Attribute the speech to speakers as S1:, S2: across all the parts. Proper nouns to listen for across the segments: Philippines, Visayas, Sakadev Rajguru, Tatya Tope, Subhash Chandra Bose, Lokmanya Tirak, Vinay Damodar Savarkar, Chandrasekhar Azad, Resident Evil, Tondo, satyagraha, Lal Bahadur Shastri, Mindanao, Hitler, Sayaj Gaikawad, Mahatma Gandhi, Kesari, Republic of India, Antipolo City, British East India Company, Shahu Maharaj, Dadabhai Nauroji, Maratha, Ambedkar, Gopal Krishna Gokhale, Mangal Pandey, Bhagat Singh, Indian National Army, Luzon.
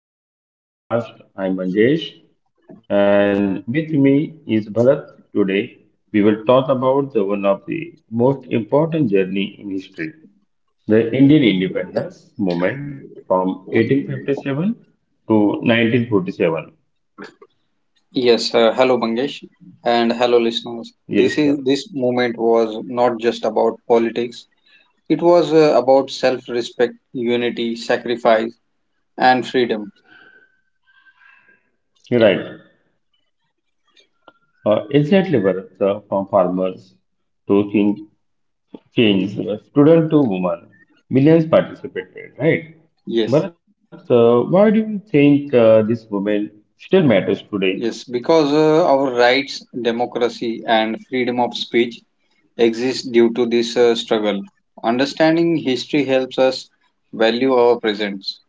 S1: welcome to today's podcast. I'm Manjesh and with me is Bharat. Today we will talk about the one of the most important journey in history, the Indian independence movement from 1857 to 1947.
S2: Yes, hello Mangesh and hello listeners.
S1: Yes,
S2: This
S1: sir.
S2: is this movement was not just about politics. It was about self-respect, unity, sacrifice and freedom.
S1: You're right. Exactly, Bharat, from farmers to king. Change, student to woman, millions participated, right?
S2: Yes.
S1: But why do you think this woman still matters today?
S2: Yes, because our rights, democracy and freedom of speech exist due to this struggle. Understanding history helps us value our presence.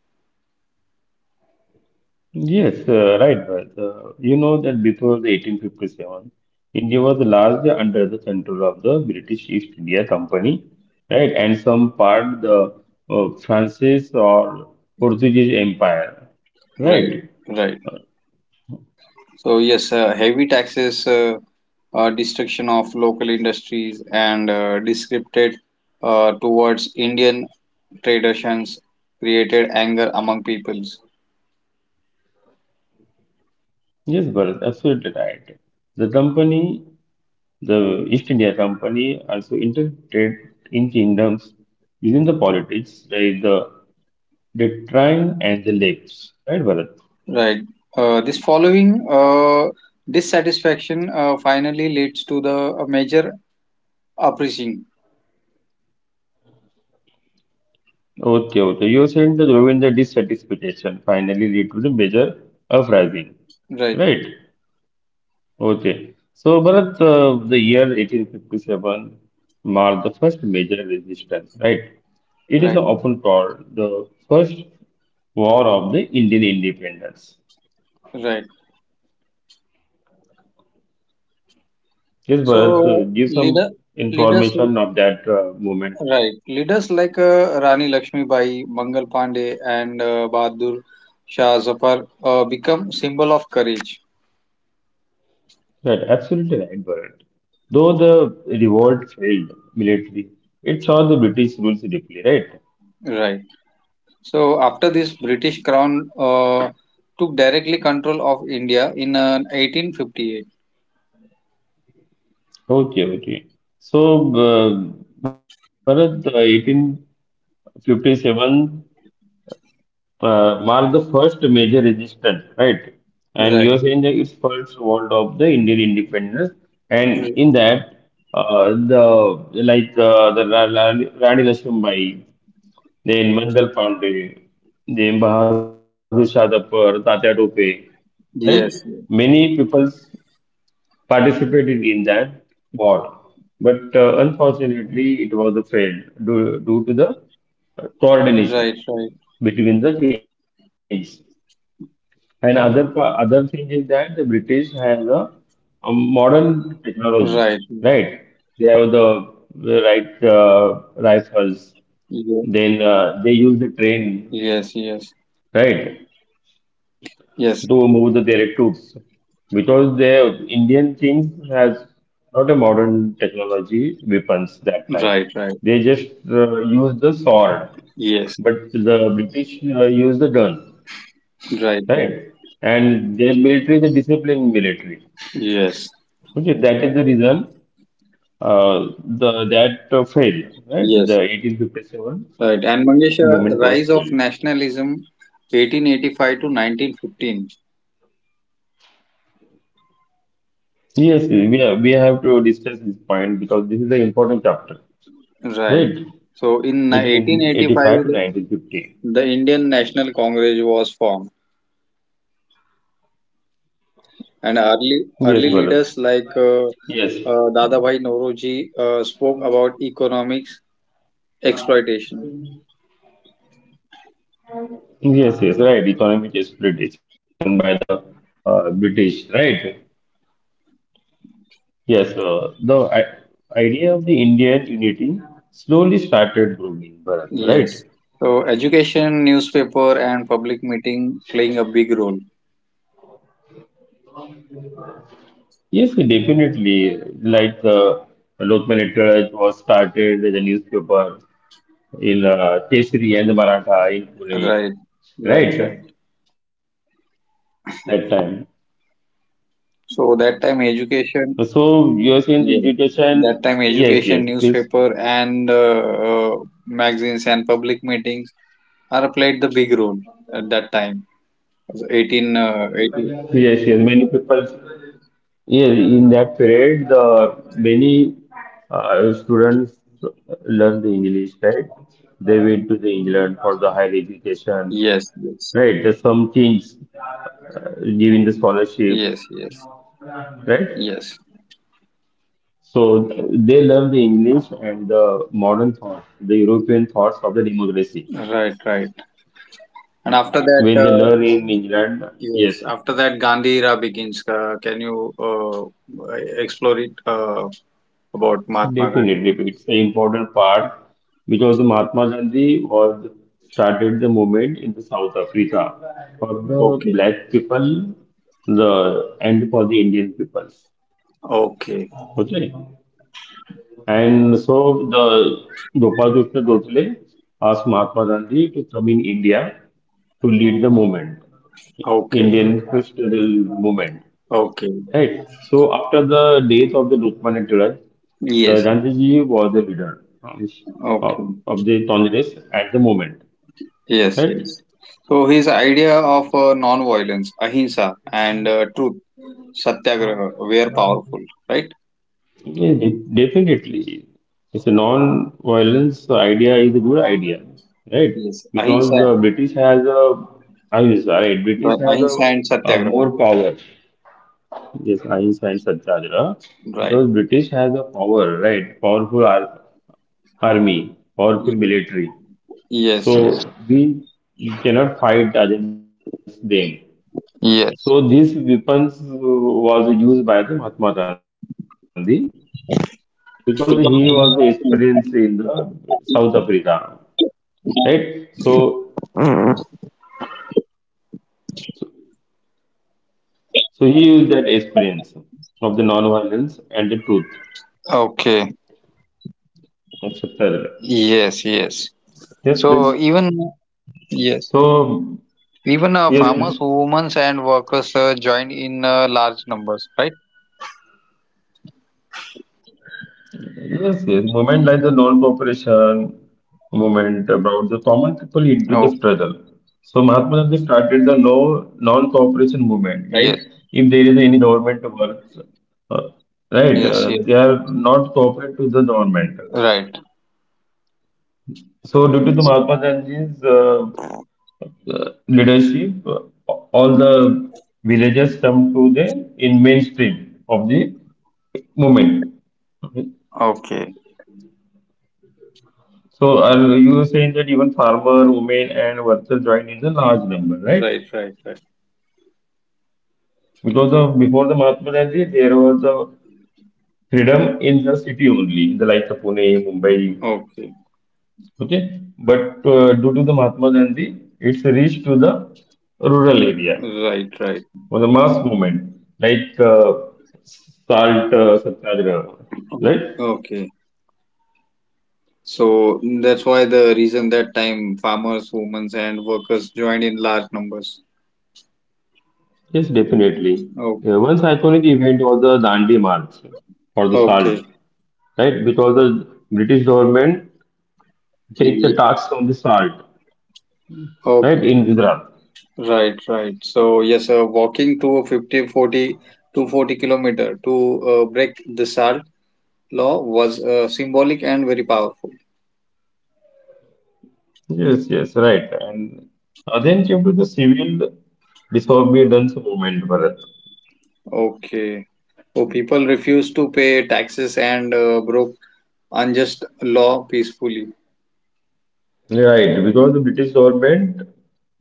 S1: Yes, right, Bharat. You know that before the 1857, India was largely under the control of the British East India Company, right, and some part the Francis or Portuguese Empire,
S2: Right.
S1: right?
S2: Right. So yes, heavy taxes, destruction of local industries, and discriminated towards Indian traditions created anger among peoples.
S1: Yes, Bharat, absolutely right. The company The East India Company also interacted in kingdoms using the politics like the Deccan and the Lakes. Right, Bharat?
S2: Right. This following dissatisfaction finally leads to the major uprising.
S1: Okay, okay. You said that during the Govinda dissatisfaction finally led to the major uprising.
S2: Right.
S1: Right? Okay. So, Bharat, the year 1857 marked the first major resistance, right? It is
S2: Right.
S1: often called the first war of the Indian independence.
S2: Right.
S1: Yes, Bharat,
S2: So
S1: give some
S2: leaders.
S1: information of that movement.
S2: Right. Leaders like Rani Lakshmibai, Mangal Pandey, and Bahadur Shah Zafar become symbol of courage.
S1: Right, absolutely right, Bharat. Though the revolt failed militarily, it saw the British rules deeply, right?
S2: Right. So after this, British Crown took directly control of India in 1858.
S1: Okay, okay. So, Bharat, 1857 marked the first major resistance, right? And
S2: Right.
S1: you are saying that it's first world of the Indian independence, and
S2: Mm.
S1: in that, the the Rani Lakshmibai. Then Mandal Pandey, then Bahadur Shah Dabbar, Tatya Tope, right?
S2: Yes.
S1: Many people participated in that war, but unfortunately, it was a fail due to the
S2: Right.
S1: coordination
S2: Right.
S1: between the things. And other thing is that the British have the modern technology,
S2: Right. Right.
S1: right? They have the right rifles.
S2: Yeah.
S1: Then they use the train,
S2: Yes. Yes.
S1: right?
S2: Yes.
S1: to move the direct troops because the Indian King has not a modern technology weapons that time.
S2: Right. Right.
S1: They just used the sword,
S2: Yes.
S1: but the British used the gun,
S2: Right. Right.
S1: right? And their military is a disciplined military.
S2: Yes.
S1: Okay, that is the reason the that failed, right?
S2: Yes.
S1: The 1857
S2: Right. And Mangesha,
S1: movement
S2: rise
S1: was
S2: of
S1: failed.
S2: nationalism 1885 to 1915.
S1: Yes, we have to discuss this point because this is the important chapter,
S2: Right.
S1: right?
S2: So in 1885, the,
S1: 1885 to
S2: the
S1: 1950.
S2: Indian National Congress was formed, and early
S1: Yes,
S2: early
S1: Bharat.
S2: leaders like
S1: Yes.
S2: Dadabhai Nauroji spoke about economics exploitation.
S1: Yes, yes, right. Economic exploitation by the British, right? Yes, the idea of the Indian unity slowly started growing, Bharat, right?
S2: Yes. So education, newspaper, and public meeting playing a big role.
S1: Yes, definitely. Like the local literate was started with a newspaper in Kesari and the Maratha in Pune,
S2: Right. Right. Right.
S1: right? That time.
S2: So that time education.
S1: So you're saying the
S2: Yeah. That
S1: education,
S2: time,
S1: yes,
S2: education,
S1: yes, please,
S2: newspaper, and uh, magazines and public meetings are played the big role at that time. 18, 18.
S1: yes, yes. Many people, yeah, in that period, the many students learn the English, right? They went to the England for the higher education,
S2: Yes, yes,
S1: right? There's some kings uh, giving the scholarship,
S2: yes, yes,
S1: right?
S2: yes.
S1: So they learn the English and the modern thought, the European thoughts of the democracy.
S2: Right, right. And after that,
S1: When they learn in England,
S2: yes,
S1: yes.
S2: Gandhi era begins. Can you explore it about Mahatma Gandhi?
S1: Definitely, it's an important part because Mahatma Gandhi was started the movement in the South Africa for the
S2: Okay,
S1: black people, the and for the Indian peoples.
S2: okay,
S1: Okay, and so the Gopal Krishna Gokhale asked Mahatma Gandhi to come in India to lead the movement,
S2: okay,
S1: Indian Christian movement.
S2: okay.
S1: Right. So after the death of the Lokmanya Tirak,
S2: Yes,
S1: the
S2: yes,
S1: Gandhiji was the leader
S2: okay.
S1: of the Congress at the moment.
S2: Yes,
S1: Right?
S2: yes. So his idea of non-violence, ahimsa, and truth, satyagraha, were powerful, right?
S1: Yeah, definitely. It's a non-violence idea is a good idea. Right?
S2: Yes, ahimsa,
S1: Because the British has a I mean sorry, British
S2: right,
S1: has
S2: ahimsa and
S1: a
S2: satyagraha,
S1: more power. Yes, Ahimsa and Satyagraha.
S2: right?
S1: Because British has a power, right? Powerful army, powerful
S2: Ye-
S1: military.
S2: Yes, yes,
S1: So we cannot fight against them.
S2: yes.
S1: So these weapons was used by the Mahatma Gandhi because he was experienced in the South Africa, right? So, so he used that experience of the non-violence and the truth,
S2: Okay.
S1: etc.
S2: Yes, yes.
S1: Yes,
S2: So
S1: please.
S2: even yes,
S1: So,
S2: even
S1: yes,
S2: farmers,
S1: please.
S2: women, and workers joined in large numbers, right?
S1: Yes, yes. Movement like the non-cooperation movement brought the common people into the
S2: Oh,
S1: struggle. So Mahatma Gandhi started the non-cooperation movement. Like
S2: yes,
S1: if there is any government works, uh, right,
S2: yes, yes.
S1: they are not cooperate to the government.
S2: Right.
S1: So due to the Mahatma Gandhi's leadership, all the villages come to the in mainstream of the movement.
S2: Okay.
S1: So are you saying that even farmer, women, and workers joined in the large number, right?
S2: Right, right, right.
S1: Because of before the Mahatma Gandhi, there was a freedom in the city only, in the likes of Pune, Mumbai,
S2: Okay.
S1: okay. But due to the Mahatma Gandhi, it's reached to the rural area
S2: Right, right.
S1: or the mass movement, like salt satyagraha, right?
S2: Okay. So that's why the reason that time farmers, women, and workers joined in large numbers.
S1: Yes, definitely.
S2: Oh,
S1: Yeah, one iconic event was the Dandi March for the salt.
S2: okay.
S1: Right? Because the British government takes the
S2: Ye-
S1: tax from the salt,
S2: Oh,
S1: right, in Gujarat.
S2: right, right. So yes, walking to 50, forty to 40 kilometer to break the salt law was symbolic and very powerful.
S1: Yes, yes, right. And then came to the civil disobedience movement, Bharat.
S2: Okay. So people refused to pay taxes and broke unjust law peacefully.
S1: Right, because the British government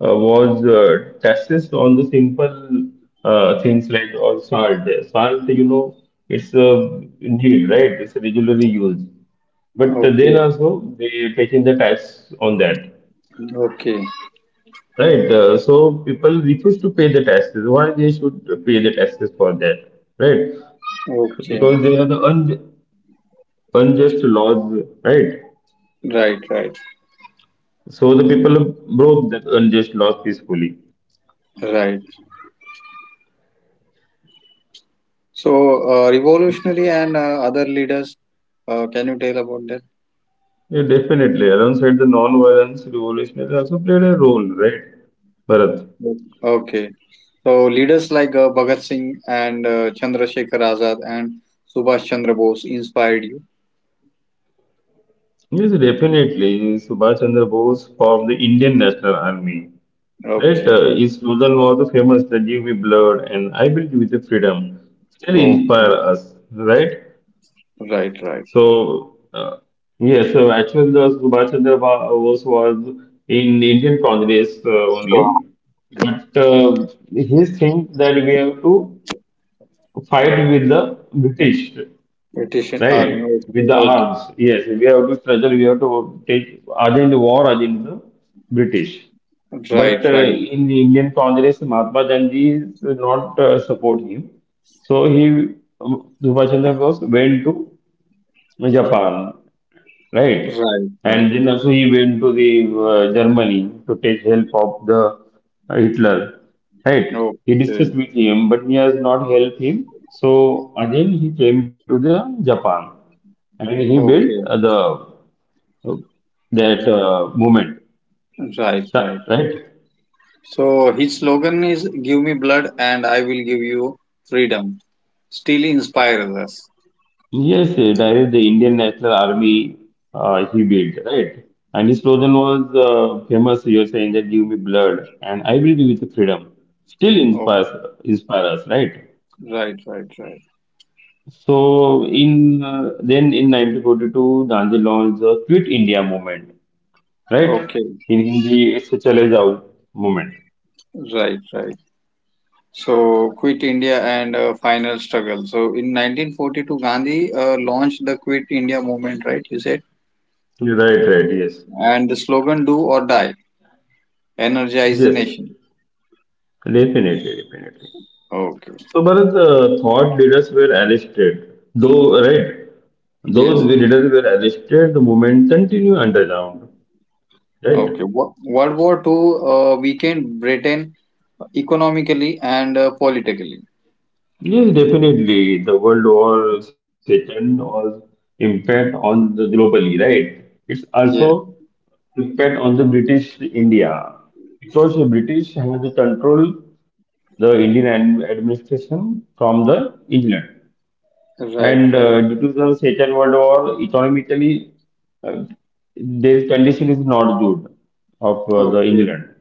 S1: was taxes on the simple things like all salt. Salt, it's a need, right? It's a regularly used. But then
S2: Okay,
S1: also they taking the tax on that.
S2: okay,
S1: Right. So people refuse to pay the taxes. Why they should pay the taxes for that? Right.
S2: okay.
S1: Because they are the unjust laws. Right.
S2: Right, right,
S1: So the people broke that unjust laws peacefully.
S2: right. So, revolutionary and other leaders, can you tell about that?
S1: Yeah, definitely. Alongside the non-violence revolutionary also played a role. Right. Bharat.
S2: Yes. Okay. So, leaders like Bhagat Singh and Chandrasekhar Azad and Subhash Chandra Bose inspired you.
S1: Yes, definitely. Subhash Chandra Bose formed the Indian National Army. Right,
S2: Okay.
S1: his slogan was the famous that give me blood and I will give you the freedom. Still inspire
S2: Okay.
S1: us, right?
S2: Right, right.
S1: So, yes, so actually, the Bose was in Indian Congress only, but he thinks that we have to fight with the British,
S2: British Army.
S1: right? With
S2: Okay.
S1: the
S2: Okay.
S1: arms, yes, we have to struggle, we have to take against war against the British.
S2: Right,
S1: But
S2: right.
S1: in the Indian Congress, Mahatma Gandhi is not support him. So he, Subhash Chandra Bose went to Japan. Right.
S2: Right, right.
S1: And then also he went to the Germany to take help of the Hitler. Right. He
S2: Okay.
S1: discussed with him, but he has not helped him. So again he came to the Japan and he built
S2: Okay.
S1: the uh, that movement.
S2: Right,
S1: So-
S2: right.
S1: Right.
S2: So, his slogan is, Give me blood and I will give you freedom. Still inspires us.
S1: Yes, that is the Indian National Army he built, right? And his slogan was famous, you're saying that give me blood and I will give you the freedom. Still
S2: Okay.
S1: inspire us, right?
S2: Right, right, right.
S1: So in then in 1942, Gandhi launched the Quit India movement, right?
S2: Okay,
S1: In Hindi, it's a Chale Jao movement.
S2: right, right. So, Quit India and Final Struggle. So, in 1942, Gandhi launched the Quit India movement, right? You said?
S1: Right, right, yes.
S2: And the slogan, Do or Die, energize the
S1: Yes,
S2: nation.
S1: definitely, definitely.
S2: Okay,
S1: So, Bharat, thought leaders were arrested, though, right? Those
S2: yes.
S1: leaders were arrested, the movement continued underground, right?
S2: Okay. World War Two weakened Britain economically and politically.
S1: Yes, definitely. The World War Second was impact on the globally, right? It's
S2: Yes,
S1: also impact on the British India because the British had the control the Indian administration from the England.
S2: right,
S1: And
S2: right.
S1: due to the Second World War, economically, uh, their condition is not good of the
S2: Okay,
S1: England,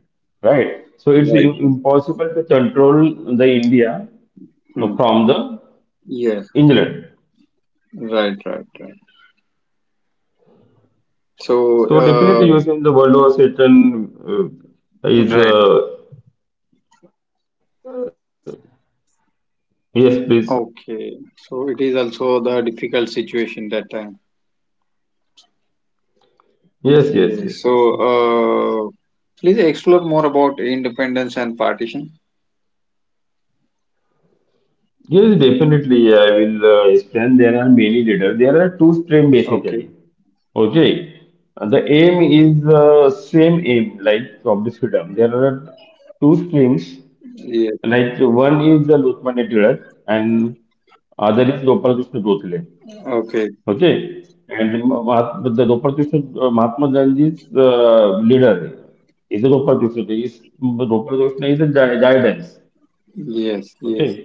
S1: right? So it's
S2: right, right.
S1: impossible to control the India
S2: Hmm.
S1: from the
S2: Yes,
S1: England.
S2: right, right, right.
S1: So
S2: So,
S1: definitely using the World War Second is
S2: right.
S1: yes, please.
S2: Okay, so it is also the difficult situation that time.
S1: Yes, yes, yes, yes.
S2: Yes, so uh, please explore more about independence and partition.
S1: Yes, definitely. I will explain. There are many leaders. There are two streams basically.
S2: Okay,
S1: Okay, the aim is same aim like of the freedom. There are two streams.
S2: yes.
S1: Like one is the Lokmanya Tilak and other is Gopal Krishna Gokhale.
S2: Okay.
S1: Okay, and the the Gopal Krishna Mahatma Gandhi's leader is the Gopal Krishna. Is Gopal Krishna is a guidance.
S2: Yes, yes.
S1: Okay.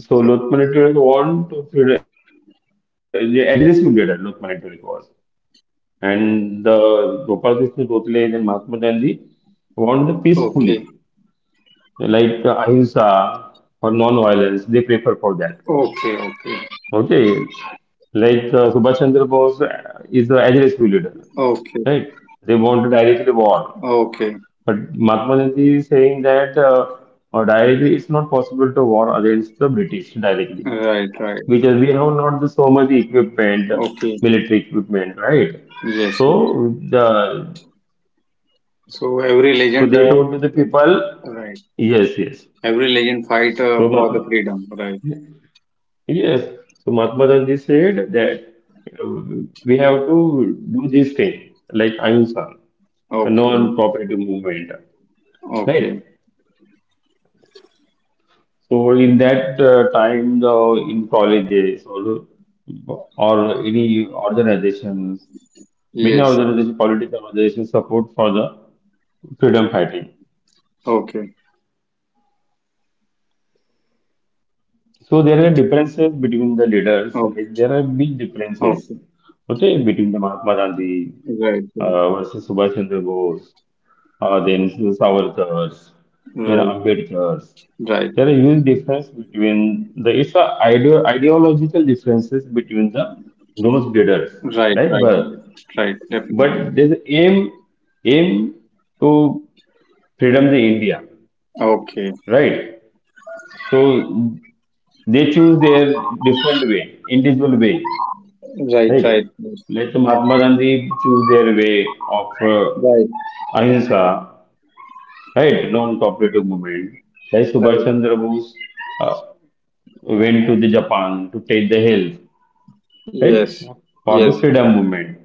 S1: So Loth Manipulator want to the aggressive leader, Loth Manipulator was. And the Gopal Krishna Gokhale and Mahatma Gandhi won peacefully,
S2: Okay,
S1: like ahimsa or non-violence. They prefer for that.
S2: okay, okay,
S1: Okay, like Subhash Chandra Bose is the aggressive leader,
S2: okay,
S1: right? They want directly war,
S2: okay.
S1: but Mahatma Gandhi is saying that directly it's not possible to war against the British directly
S2: Right, right.
S1: because we have not the so much equipment,
S2: Okay,
S1: military equipment, right?
S2: yes, yes.
S1: So the
S2: So every legend,
S1: so they told to the people,
S2: right,
S1: yes, yes.
S2: fight
S1: So
S2: for the
S1: Mahatma,
S2: freedom, right?
S1: yes. So Mahatma Gandhi said that we have to do this thing like Ahimsa, a
S2: Okay,
S1: non-cooperative movement,
S2: okay,
S1: right? So in that time, the in colleges or any organizations Many
S2: yes.
S1: organizations, political organizations support for the freedom fighting.
S2: Okay,
S1: So there are differences between the leaders. Like there are big
S2: okay,
S1: differences,
S2: okay.
S1: okay, between the Mahatma Gandhi
S2: Right, right.
S1: versus Subhash Chandra Bose, then Savarkar's, then
S2: Right.
S1: Ambedkar's. There are
S2: Right,
S1: huge difference between the it's a ideological differences between the those leaders,
S2: right,
S1: right?
S2: right, right, right, definitely.
S1: But there's aim to freedom the India.
S2: Okay,
S1: Right? So they choose their different way, individual way,
S2: right, right,
S1: right?
S2: yes.
S1: Let Mahatma Gandhi choose their way of
S2: Right,
S1: ahimsa, right? Non-cooperative movement. Right? Subhash
S2: right.
S1: Chandra Bose uh, went to the Japan to take the help, right?
S2: Yes,
S1: For
S2: yes,
S1: the
S2: yes.
S1: freedom movement.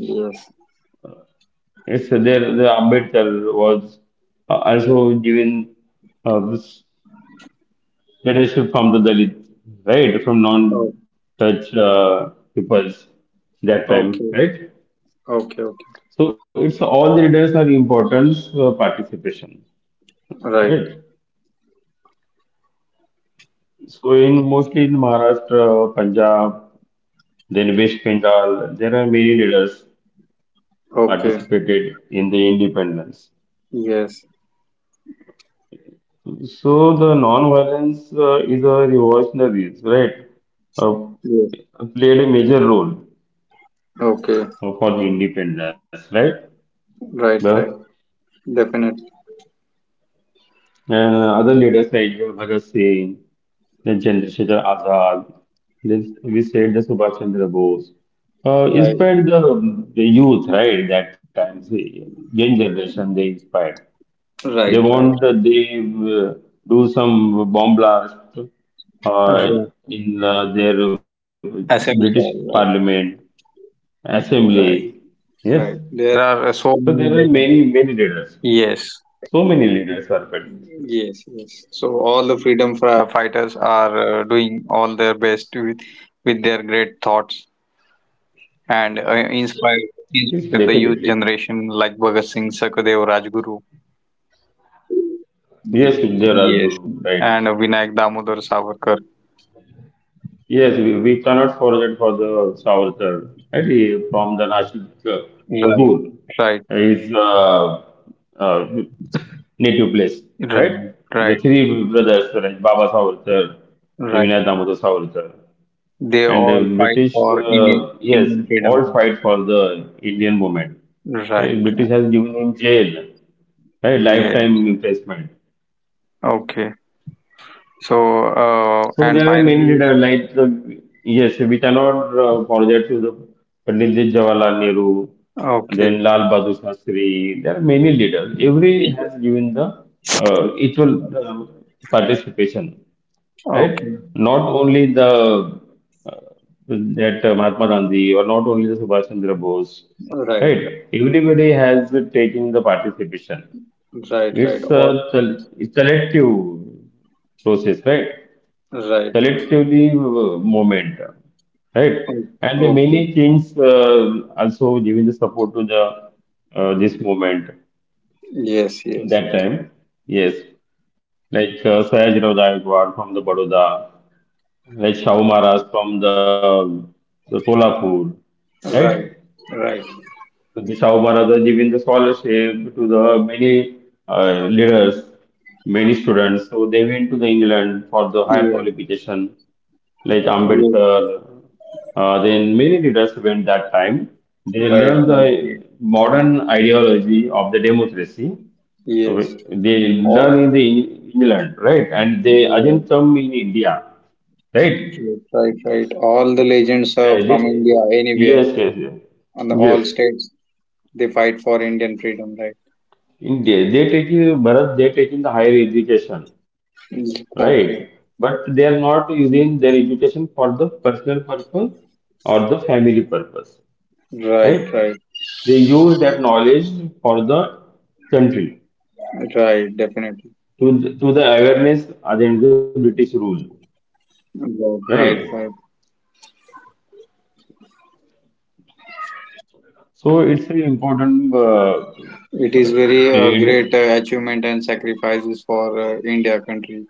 S2: Yes.
S1: It's there. The Ambedkar was also given. uh, leadership from the Dalit, right? From
S2: Oh,
S1: non-touch peoples that time,
S2: okay,
S1: right?
S2: okay, okay.
S1: So it's all the leaders are important participation,
S2: Right,
S1: right? So in mostly in Maharashtra, Punjab, then West Bengal, there are many leaders
S2: okay.
S1: participated in the independence.
S2: Yes,
S1: So the non-violence is a revolutionaries, right? Uh,
S2: yes.
S1: Played a major role
S2: Okay,
S1: for the independence, right?
S2: right,
S1: The
S2: right. Definitely.
S1: And other leaders like Bhagat Singh, then Chandrasekhar Azad, then we said the Subhash Chandra Bose,
S2: Right,
S1: inspired the youth, right? That time, the young generation, they inspired. They
S2: right, right.
S1: want, they do some bomb blast uh,
S2: Right.
S1: in their British
S2: Assembly hall,
S1: Parliament, Assembly.
S2: right, right,
S1: Yes.
S2: right. There are
S1: So
S2: so
S1: there are
S2: many legends.
S1: many, many leaders.
S2: Yes.
S1: So many leaders are present.
S2: Yes, yes. So all the freedom fighters are doing all their best with their great thoughts and inspire,
S1: Yes,
S2: inspire the
S1: definitely.
S2: youth generation like Bhagat Singh, Sakadev Rajguru.
S1: Yes,
S2: Y-
S1: there are
S2: Yes,
S1: Guru, right.
S2: and Vinayak Damodar Savarkar.
S1: Yes, we cannot forget for the Savarkar, right? He- From the Nashik
S2: Right,
S1: Bhadur,
S2: right,
S1: his uh, native place,
S2: right,
S1: right? The
S2: right,
S1: three brothers, right? Baba Savarkar,
S2: right.
S1: Vinay Damodar Savarkar,
S2: They
S1: and the
S2: all fight
S1: British,
S2: for Indian,
S1: yes,
S2: Indian freedom.
S1: all fight for the Indian movement. Hey,
S2: Right,
S1: British
S2: right.
S1: has given him jail, right?
S2: Yeah.
S1: Lifetime imprisonment.
S2: Okay. So,
S1: So
S2: and
S1: there are many
S2: finally,
S1: leaders like yes, we cannot forget to the Pandit Jawaharlal Nehru,
S2: okay,
S1: then Lal Bahadur Shastri. There are many leaders. Every has given the equal participation, right?
S2: okay.
S1: Not only the uh, that Mahatma Gandhi or not only the Subhash Chandra Bose,
S2: Right.
S1: right? Everybody has taken the participation.
S2: Right, right,
S1: It's
S2: or
S1: a, col- it's selective process, right?
S2: right, right.
S1: Collectively movement, right?
S2: O-
S1: And the
S2: Okay.
S1: many things also giving the support to the this movement
S2: Yes, yes.
S1: that time. Yes, like Sayaj Gaikawad from the Baroda, like Shahu Maharaj from the Solapur, right?
S2: Right, right.
S1: So the Shahu Maharaj are giving the scholarship to the many leaders, many students. So they went to the England for the higher
S2: Yes,
S1: qualification. Like
S2: yes.
S1: Ambedkar, then many leaders went that time. They
S2: Right, right,
S1: learned the
S2: right.
S1: modern ideology of the democracy.
S2: Yes.
S1: Okay. They
S2: All,
S1: learn in the England, right? And they again
S2: yes,
S1: come in India, right?
S2: yes. Right, right. All the legends are
S1: Uh,
S2: from
S1: they-
S2: India, anywhere,
S1: yes, yes, yes.
S2: on the
S1: Yes.
S2: all states. They fight for Indian freedom, right?
S1: In they taking Bharat, they taking the higher education,
S2: Mm,
S1: right?
S2: okay.
S1: But they are not using their education for the personal purpose or the family purpose,
S2: Right,
S1: right?
S2: right,
S1: They use that knowledge for the country
S2: right. Definitely.
S1: to the awareness against the British rule,
S2: Right, right,
S1: right?
S2: right.
S1: So it's an important uh,
S2: It is very
S1: period.
S2: great achievement and sacrifices for India country.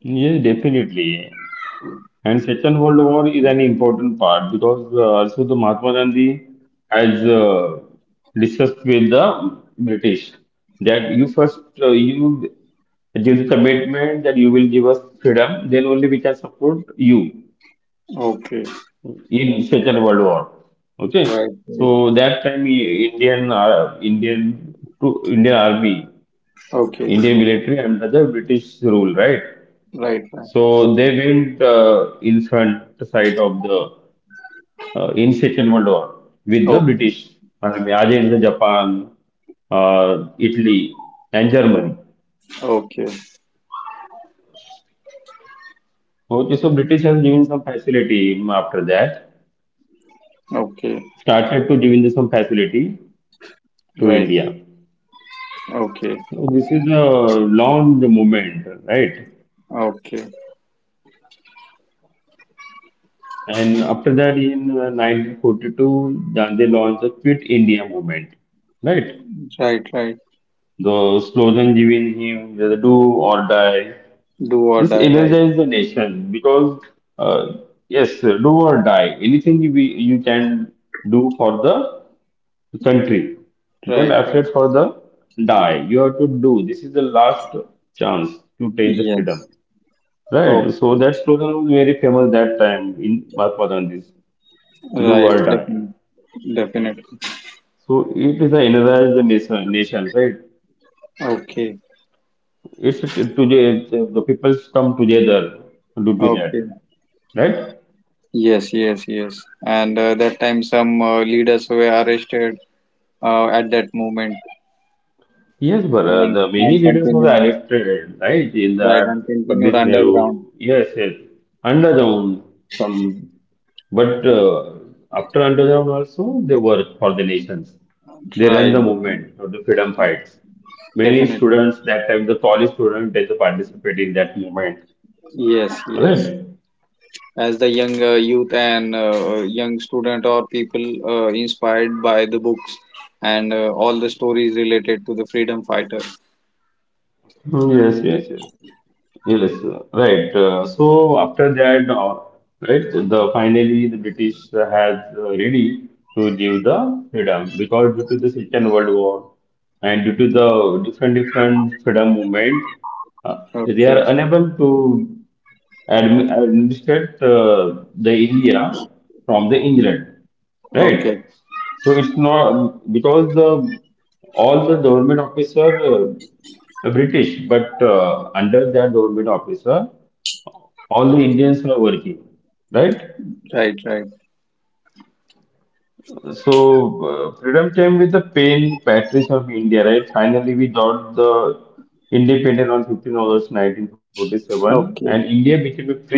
S1: Yes, definitely. And Second World War is an important part because also the Mahatma Gandhi has discussed with the British that you first you give the commitment that you will give us freedom, then only we can support you.
S2: Okay.
S1: In Second World War. Okay,
S2: Right. Right.
S1: so that time Indian Indian to Indian Army,
S2: Okay.
S1: Indian military under the British rule, right?
S2: Right. Right.
S1: So they went in front side of the in Second World War with the
S2: Okay.
S1: British Army against the Japan, uh, Italy, and Germany.
S2: Okay.
S1: Okay, so British has given some facility after that,
S2: Okay.
S1: started to give in some facility to
S2: Right.
S1: India.
S2: Okay.
S1: So this is a launch movement, right?
S2: Okay.
S1: And after that, in 1942, Gandhi launched the Quit India movement, right?
S2: Right. Right.
S1: The slogan given him, the do or die.
S2: Do or
S1: This
S2: die. Right.
S1: energized the nation because, uh, yes, do or die. Anything you, be- you can do for the country. Don't
S2: Right. Right.
S1: afraid for the die. You have to do. This is the last chance to take the freedom.
S2: Yes. Oh.
S1: Right, so that slogan was very famous that time in Mahatma Gandhi's "Do
S2: Right.
S1: or Die."
S2: Definitely. Definitely.
S1: So it is a energize the nation, nations, right?
S2: Okay.
S1: It's to the peoples come together due to that,
S2: Okay.
S1: right?
S2: Yes. Yes. Yes. And that time, some leaders were arrested at that moment,
S1: Yes, but
S2: and
S1: the many
S2: and
S1: leaders were
S2: continued.
S1: elected, right? In
S2: Right.
S1: the
S2: And continued
S1: Pandit Nehru,
S2: underground.
S1: yes, yes, underground some, but after underground also they work for the nations. They ran
S2: Right.
S1: the
S2: Definitely.
S1: movement of the freedom fights. Many
S2: Definitely.
S1: students that time, the college students, they participate in that movement,
S2: Yes. Yes.
S1: right?
S2: As the young youth and young student or people inspired by the books and all the stories related to the freedom fighter.
S1: Yes, yes, yes. Yes, right. So after that, right, the finally the British has ready to give the freedom because due to the Second World War and due to the different different freedom movement, they are
S2: Okay,
S1: unable to admi- administered the India from the England,
S2: okay.
S1: right? So it's not because the all the government officer are British, but under that government officer, all the Indians are working, right?
S2: Right, right.
S1: So, freedom came with the pain, patriots of India, right? Finally, we got the independent on 15th August 1947, and
S2: Okay,
S1: India became free.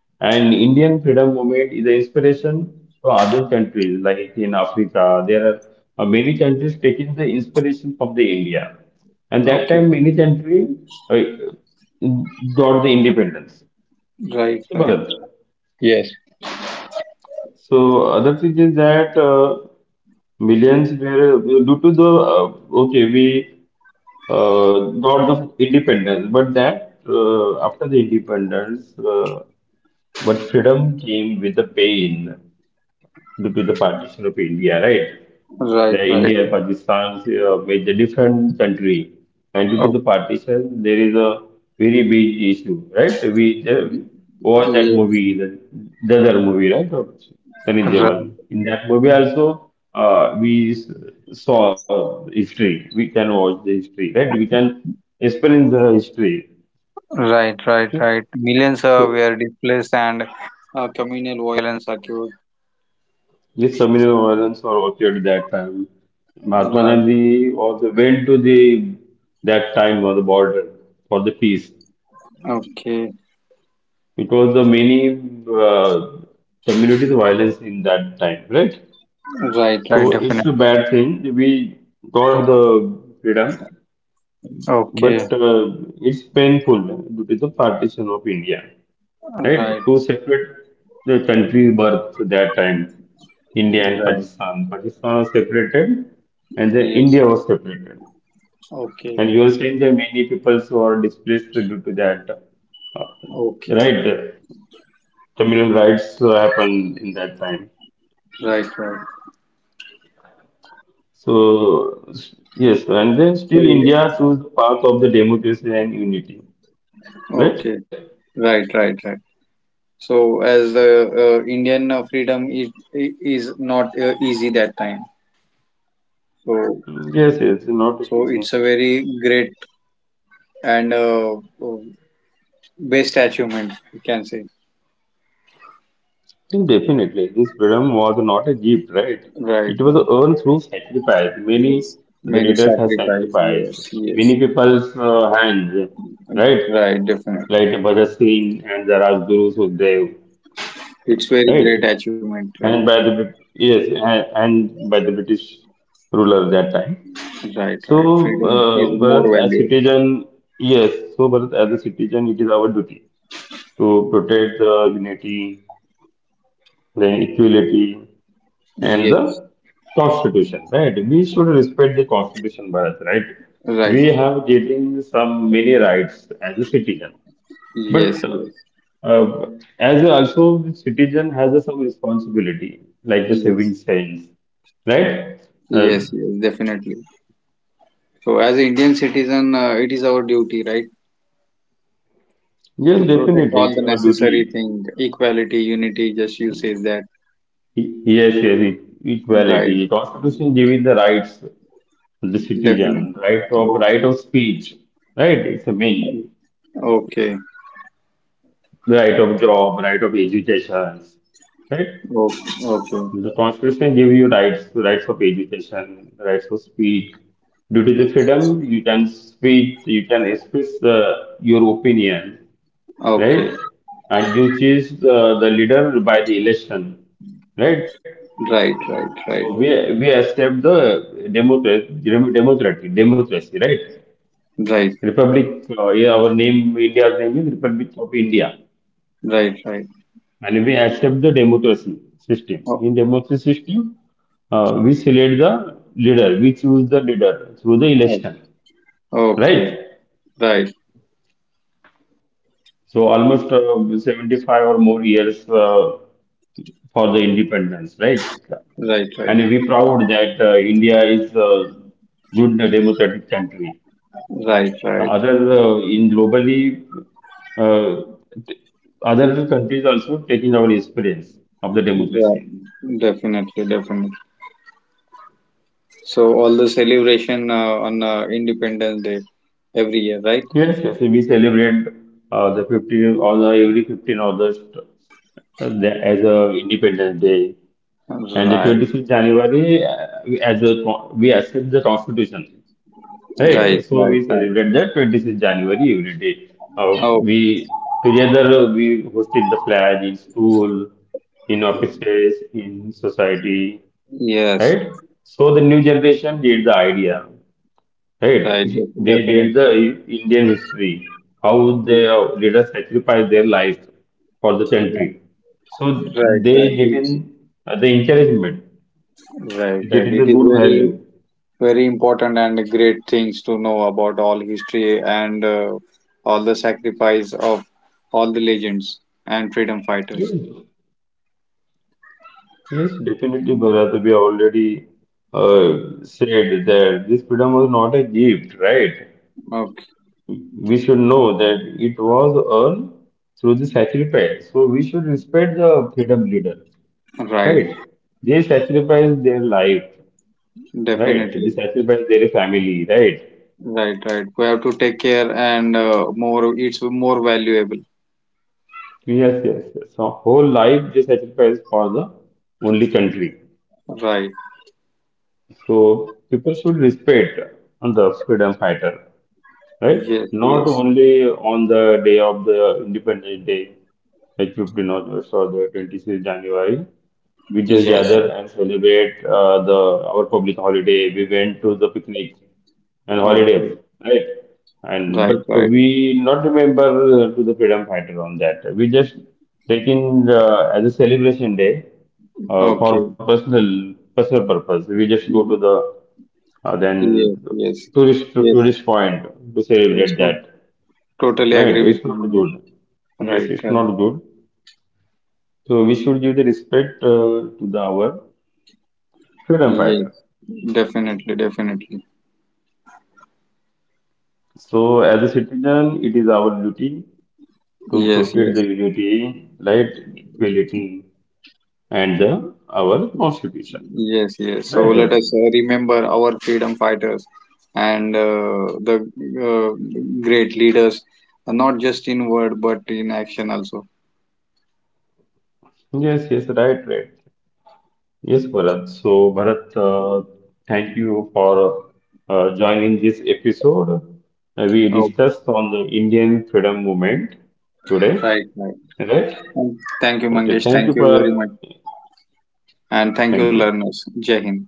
S1: And Indian freedom movement is an inspiration for other countries, like in Africa. There are many countries taking the inspiration from the India. And that
S2: okay.
S1: time, many country uh, got the independence.
S2: Right,
S1: Okay,
S2: right.
S1: Bharat?
S2: Yes.
S1: So other thing is that millions were due to the okay we got the independence, but that after the independence, but freedom came with the pain with the partition of India, right?
S2: Right,
S1: The
S2: right.
S1: India, Pakistan, made a different country, and due to the
S2: Okay,
S1: partition, there is a very big issue, right? We watch that
S2: yes,
S1: movie, the other movie, right? Of Sunny
S2: right.
S1: Deol. In that movie also, we s- saw history. We can watch the history, right? We can experience the history.
S2: Right, right, right. Millions
S1: So
S2: were displaced and communal violence occurred.
S1: yes, communal violence was occurred that time. Mahatma
S2: Right,
S1: Gandhi was went to the that time on the border for the peace.
S2: okay.
S1: It was the many uh, communities violence in that time, right?
S2: Right, right,
S1: So it's
S2: definitely.
S1: a bad thing. We got the freedom,
S2: Okay.
S1: but it's painful due to the partition of India. Right?
S2: Right,
S1: Two separate countries birthed that time, India and
S2: right.
S1: Pakistan. Pakistan was separated and the
S2: Yes.
S1: India was separated.
S2: Okay.
S1: And you are saying there are many people who are displaced due to that. uh,
S2: Okay.
S1: right, uh, communal rights happened in that time.
S2: Right. Right.
S1: So, s- yes, and then
S2: So.
S1: still India chose the path of the democracy and unity. Right?
S2: Okay. Right. Right. Right. So as the Indian freedom is not easy that time.
S1: Mm,
S2: So
S1: yes, yes, not easy.
S2: so it's a very great and uh, best achievement we can say.
S1: Definitely, this freedom was not a gift, right?
S2: Right.
S1: It was
S2: Right.
S1: earned through sacrifice.
S2: Yes.
S1: Many the
S2: Many
S1: leaders have
S2: sacrifice.
S1: sacrificed.
S2: Yes. Yes.
S1: Many people's hands, right?
S2: Right. Definitely.
S1: Like Bhagat Singh and the Rajguru Sukhdev,
S2: It's very
S1: right?
S2: great achievement. Right.
S1: And by the yes, and by the British ruler that time.
S2: Right. Right.
S1: So,
S2: Freedom is more
S1: Bharat as
S2: valuable.
S1: citizen, yes. So, Bharat as a citizen, it is our duty to protect the unity, the equality, and
S2: Yes.
S1: the constitution, right? We should respect the constitution, Bharat, right?
S2: Right.
S1: We
S2: Right.
S1: have getting some many rights as a citizen,
S2: Yes.
S1: but
S2: Yes.
S1: uh, as a, also the citizen has a some responsibility, like the saving
S2: Yes.
S1: sense, right? Uh,
S2: Yes, yes, definitely. So, as an Indian citizen, it is our duty, right,
S1: yes,
S2: to protect
S1: definitely,
S2: all
S1: it's
S2: the
S1: our
S2: necessary
S1: duty.
S2: thing, equality, unity. Just you says that,
S1: Yes, yes,
S2: right?
S1: equality. Constitution giving the rights to the
S2: Definitely.
S1: citizen,
S2: Oh,
S1: right of speech, right? It's a main.
S2: okay,
S1: Right of job, right of education, right?
S2: oh, okay,
S1: The constitution give you rights, rights of education, rights of speak. Due to the freedom, you can speak, you can express your opinion, right?
S2: okay.
S1: And you choose the leader by the election, right?
S2: Right, right,
S1: So
S2: right,
S1: we accept the democracy, democracy, democracy, right?
S2: right,
S1: Republic, yeah, our name, India's name is Republic of India,
S2: right, right.
S1: and we accept the democracy system.
S2: Oh,
S1: In democracy system, we select the leader, we choose the leader through the
S2: oh,
S1: election,
S2: okay,
S1: right?
S2: right,
S1: So almost 75 or more years for the independence, right?
S2: right,
S1: And
S2: right,
S1: we proud that India is a good democratic country.
S2: right, right,
S1: The
S2: right.
S1: other in globally, uh, t- other countries also taking our experience of the democracy.
S2: Definitely, definitely. So, all the celebration on Independence Day every year, right?
S1: Yes, yes, we celebrate the 15th or the every 15th August the, as a Independence Day, and the
S2: Right,
S1: 25th January as a we accept the Constitution,
S2: right,
S1: right? So
S2: right,
S1: we
S2: right.
S1: celebrate that 26th January every day.
S2: Oh,
S1: We together we hosted the flag in school, in offices, in society,
S2: yes,
S1: right? So the new generation get the idea.
S2: right,
S1: Hey, they did
S2: definitely.
S1: the Indian history, how
S2: Yes.
S1: their leaders sacrificed their lives for the
S2: Right,
S1: country. So
S2: right, right.
S1: they get
S2: It's,
S1: in the encouragement,
S2: right,
S1: they get
S2: right.
S1: in the
S2: It is
S1: good
S2: very,
S1: value.
S2: very important and great things to know about all history and all the sacrifice of all the legends and freedom
S1: Yes,
S2: fighters.
S1: yes, definitely, Bharat, we already said that this freedom was not a gift, right?
S2: Okay,
S1: We should know that it was earned through the sacrifice. So we should respect the freedom leader,
S2: right,
S1: right? They sacrificed their life. Right, this
S2: definitely.
S1: actually buys their family, right?
S2: Right, right. We have to take care and it's more valuable.
S1: Yes, yes, yes. So whole life this actually buys for the only country.
S2: Right.
S1: So people should respect the freedom fighter, right?
S2: Yes,
S1: Not
S2: yes,
S1: only on the day of the Independence Day, like 15th August or the 26th January, we just
S2: yes.
S1: gather and celebrate the our public holiday. We went to the picnic and
S2: Okay.
S1: holidays, right? And
S2: Right,
S1: but
S2: right.
S1: we not remember to the freedom fighter on that. We just taking as a celebration day for
S2: Okay.
S1: personal personal purpose. We just go to
S2: Y-
S1: the then
S2: Yes, yes,
S1: tourist to
S2: yes,
S1: tourist point to
S2: yes.
S1: celebrate
S2: No,
S1: that.
S2: totally
S1: Right,
S2: agree with
S1: it's
S2: you,
S1: not
S2: Mangesh.
S1: good, yes,
S2: Right,
S1: it's
S2: right.
S1: not good. So we should give the respect to the our freedom
S2: Yes,
S1: fighter.
S2: definitely, definitely.
S1: So as a citizen it is our duty to
S2: Yes,
S1: protect the
S2: yes,
S1: unity, right? Equality and the, our constitution,
S2: yes, yes. So
S1: right
S2: let
S1: Gaurav?
S2: us remember our freedom fighters and the great leaders, not just in word but in action also.
S1: Yes, yes, right, right. Yes, Bharat. So, Bharat, thank you for joining this episode. We
S2: Oh,
S1: discussed on the Indian freedom movement today,
S2: right, right.
S1: right?
S2: Thank thank you,
S1: Okay,
S2: Mangesh.
S1: thank
S2: Thank
S1: you,
S2: you very
S1: Bharat.
S2: much, and thank you,
S1: Thank you.
S2: learners. Jai Hind.